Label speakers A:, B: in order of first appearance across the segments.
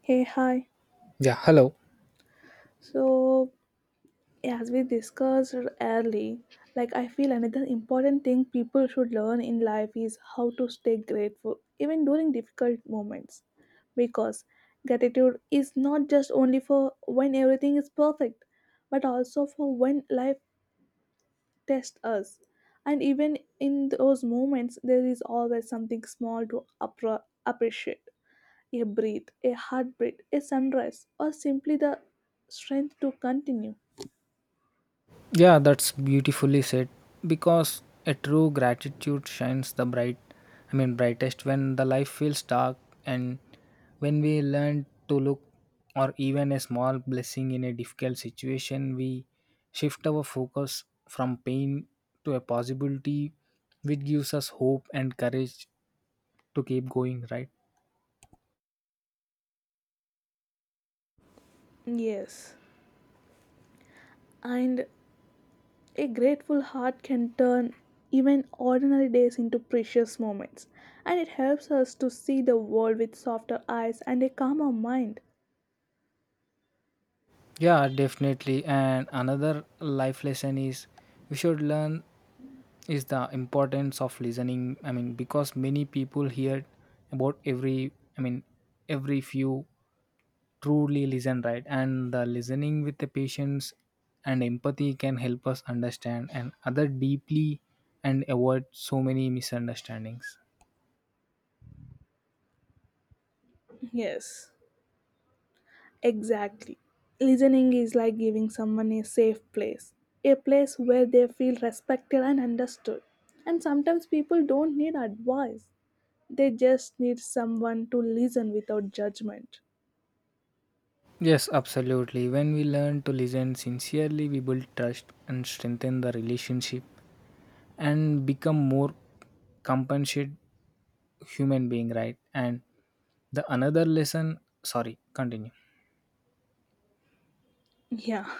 A: Hey, hi.
B: Yeah, hello.
A: So, as we discussed early, like I feel another important thing people should learn in life is how to stay grateful even during difficult moments. Because gratitude is not just only for when everything is perfect, but also for when life tests us. And even in those moments, there is always something small to appreciate. A breath, a heartbeat, a sunrise, or simply the strength to continue.
B: Yeah, that's beautifully said because a true gratitude shines the brightest when the life feels dark, and when we learn to look or even a small blessing in a difficult situation, we shift our focus from pain to a possibility which gives us hope and courage to keep going, right?
A: Yes, and a grateful heart can turn even ordinary days into precious moments, and it helps us to see the world with softer eyes and a calmer mind.
B: Yeah, definitely. And another life lesson is we should learn is the importance of listening, because many people hear about every i mean every few truly listen, right? And the listening with the patience and empathy can help us understand and other deeply and avoid so many misunderstandings.
A: Yes, exactly. Listening is like giving someone a safe place, a place where they feel respected and understood. And sometimes people don't need advice, they just need someone to listen without judgment.
B: Yes, absolutely. When we learn to listen sincerely, we build trust and strengthen the relationship and become more compassionate human being, right? And the another lesson, sorry, continue.
A: Yeah,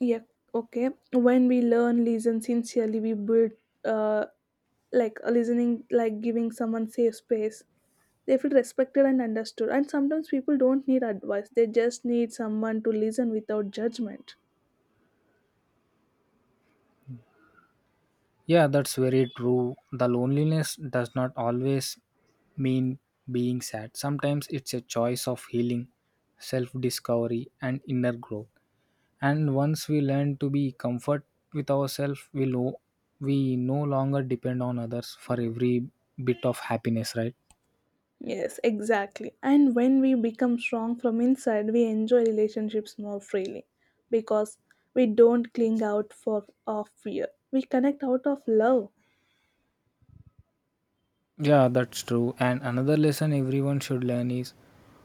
A: yeah, okay. When we learn listen sincerely, we build uh, like a listening, like giving someone safe space. They feel respected and understood. And sometimes people don't need advice, they just need someone to listen without judgment.
B: Yeah, that's very true. The loneliness does not always mean being sad. Sometimes it's a choice of healing, self discovery, and inner growth. And once we learn to be comfort with ourselves, we no longer depend on others for every bit of happiness, right?
A: Yes, exactly. And when we become strong from inside, we enjoy relationships more freely because we don't cling out for of fear. We connect out of love.
B: Yeah, that's true. And another lesson everyone should learn is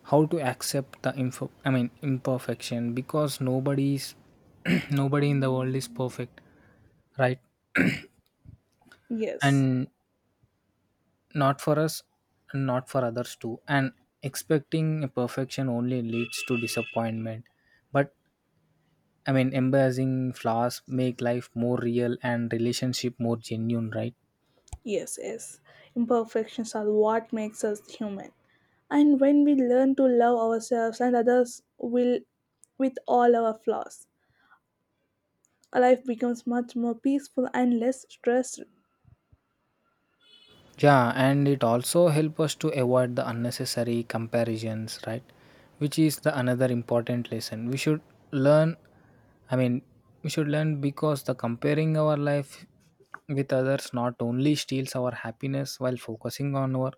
B: how to accept the info I mean imperfection because nobody's, nobody in the world is perfect, right?
A: Yes,
B: And not for us and not for others too. And expecting a perfection only leads to disappointment. But embracing flaws make life more real and relationship more genuine, right?
A: yes, yes. Imperfections are what makes us human. And when we learn to love ourselves and others will with all our flaws, our life becomes much more peaceful and less stressed.
B: Yeah, and it also help us to avoid the unnecessary comparisons, right? Which is the another important lesson. Learn I mean we should learn because the comparing our life with others not only steals our happiness, while focusing on our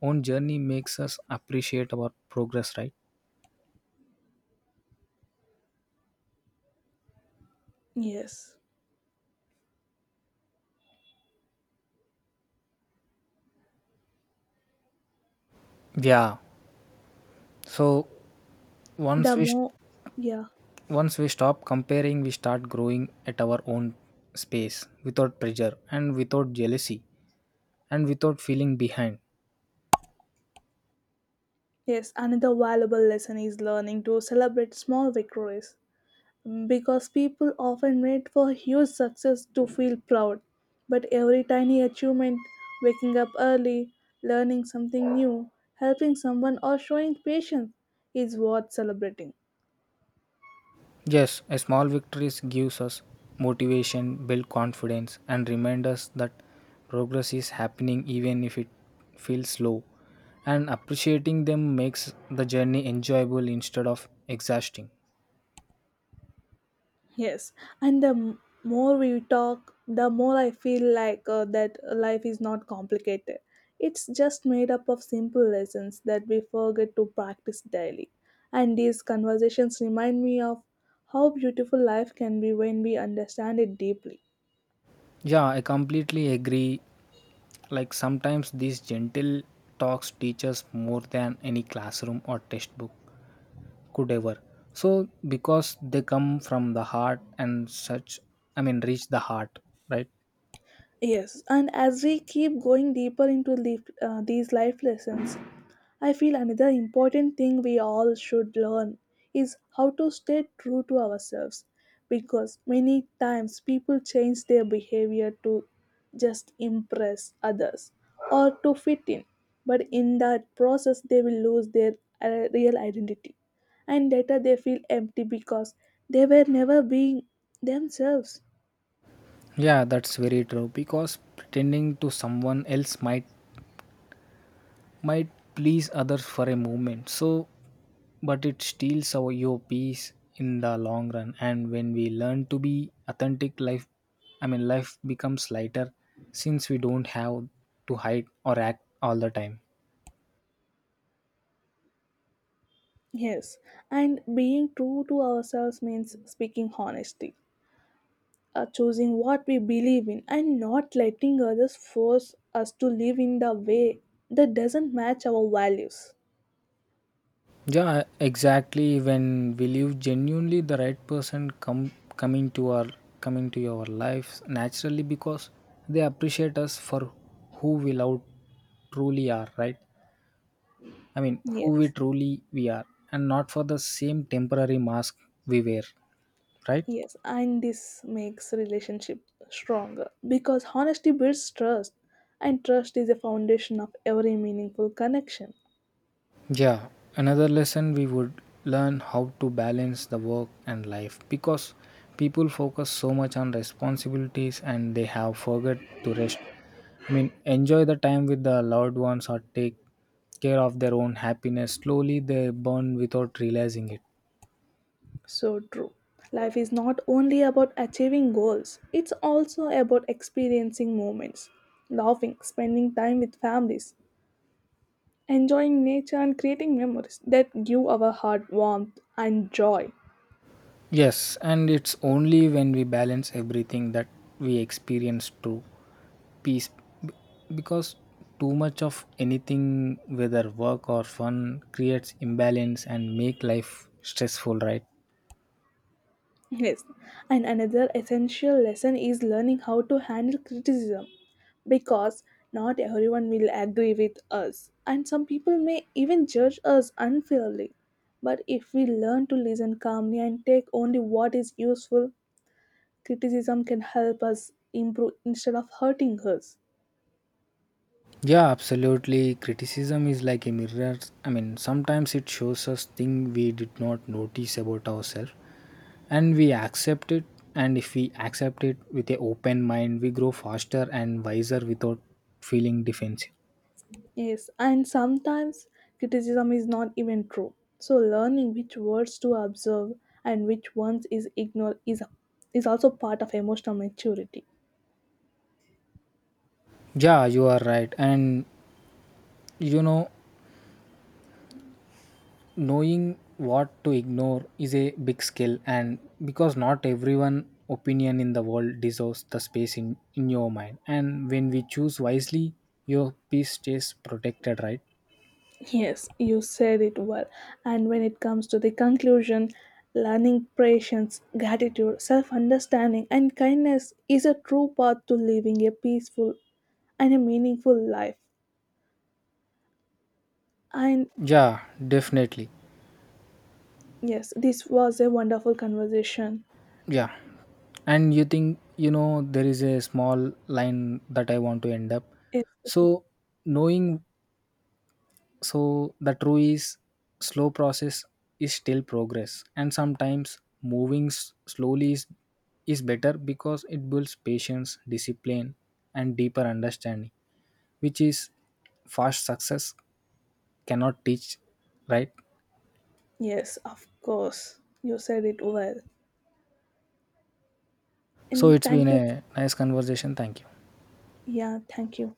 B: own journey makes us appreciate our progress, right?
A: Yes.
B: Yeah. So once
A: The
B: we st-
A: more, yeah.
B: Once we stop comparing, we start growing at our own space without pressure and without jealousy, and without feeling behind.
A: Yes, another valuable lesson is learning to celebrate small victories. Because people often wait for huge success to feel proud. But every tiny achievement, waking up early, learning something new, helping someone, or showing patience, is worth celebrating.
B: Yes, a small victories gives us motivation, build confidence, and remind us that progress is happening even if it feels slow. And appreciating them makes the journey enjoyable instead of exhausting.
A: Yes, and the more we talk, the more I feel like that life is not complicated. It's just made up of simple lessons that we forget to practice daily. And these conversations remind me of how beautiful life can be when we understand it deeply.
B: Yeah, I completely agree. Like sometimes these gentle talks teach us more than any classroom or textbook could ever. So because they come from the heart and such reach the heart, right?
A: Yes, and as we keep going deeper into the, these life lessons, I feel another important thing we all should learn is how to stay true to ourselves because many times people change their behavior to just impress others or to fit in, but in that process, they will lose their real identity and later they feel empty because they were never being themselves.
B: Yeah, that's very true because pretending to someone else might please others for a moment. So but it steals our your peace in the long run. And when we learn to be authentic, life I mean life becomes lighter since we don't have to hide or act all the time.
A: Yes, and being true to ourselves means speaking honesty, choosing what we believe in and not letting others force us to live in the way that doesn't match our values.
B: Yeah, exactly. When will you genuinely the right person come coming to our coming to your lives naturally because they appreciate us for who we love, truly are, right? I mean, who we
A: Yes,
B: truly we are, and not for the same temporary mask we wear, right?
A: yes, and this makes relationship stronger because honesty builds trust, and trust is the foundation of every meaningful connection.
B: Yeah, another lesson we would learn how to balance the work and life because people focus so much on responsibilities and they have forgot to rest. I mean, enjoy the time with the loved ones or take care of their own happiness. Slowly they burn without realizing it.
A: So true. Life is not only about achieving goals, it's also about experiencing moments, laughing, spending time with families, enjoying nature, and creating memories that give our heart warmth and joy.
B: Yes, and it's only when we balance everything that we experience true peace B- because too much of anything, whether work or fun, creates imbalance and make life stressful, right?
A: Yes, and another essential lesson is learning how to handle criticism because not everyone will agree with us, and some people may even judge us unfairly. But if we learn to listen calmly and take only what is useful, criticism can help us improve instead of hurting us.
B: Yeah, absolutely. Criticism is like a mirror. I mean, sometimes it shows us things we did not notice about ourselves, and we accept it. And if we accept it with an open mind, we grow faster and wiser without feeling defensive.
A: Yes, and sometimes criticism is not even true. So learning which words to observe and which ones is ignore is also part of emotional maturity.
B: Yeah, you are right. And you know, knowing what to ignore is a big skill. And because not everyone opinion in the world deserves the space in your mind. And when we choose wisely, your peace stays protected, right?
A: Yes, you said it well. And when it comes to the conclusion, learning patience, gratitude, self-understanding and kindness is a true path to living a peaceful and a meaningful life. And
B: Yeah, definitely.
A: yes, this was a wonderful conversation.
B: Yeah, and you think you know there is a small line that I want to end up.
A: Yes,
B: So knowing, so the true is slow process is still progress. And sometimes moving slowly is better because it builds patience discipline and deeper understanding which is fast success cannot teach, right?
A: yes, of course. You said it well.
B: So
A: And
B: it's been
A: thank you.
B: a nice conversation, thank you.
A: Yeah, thank you.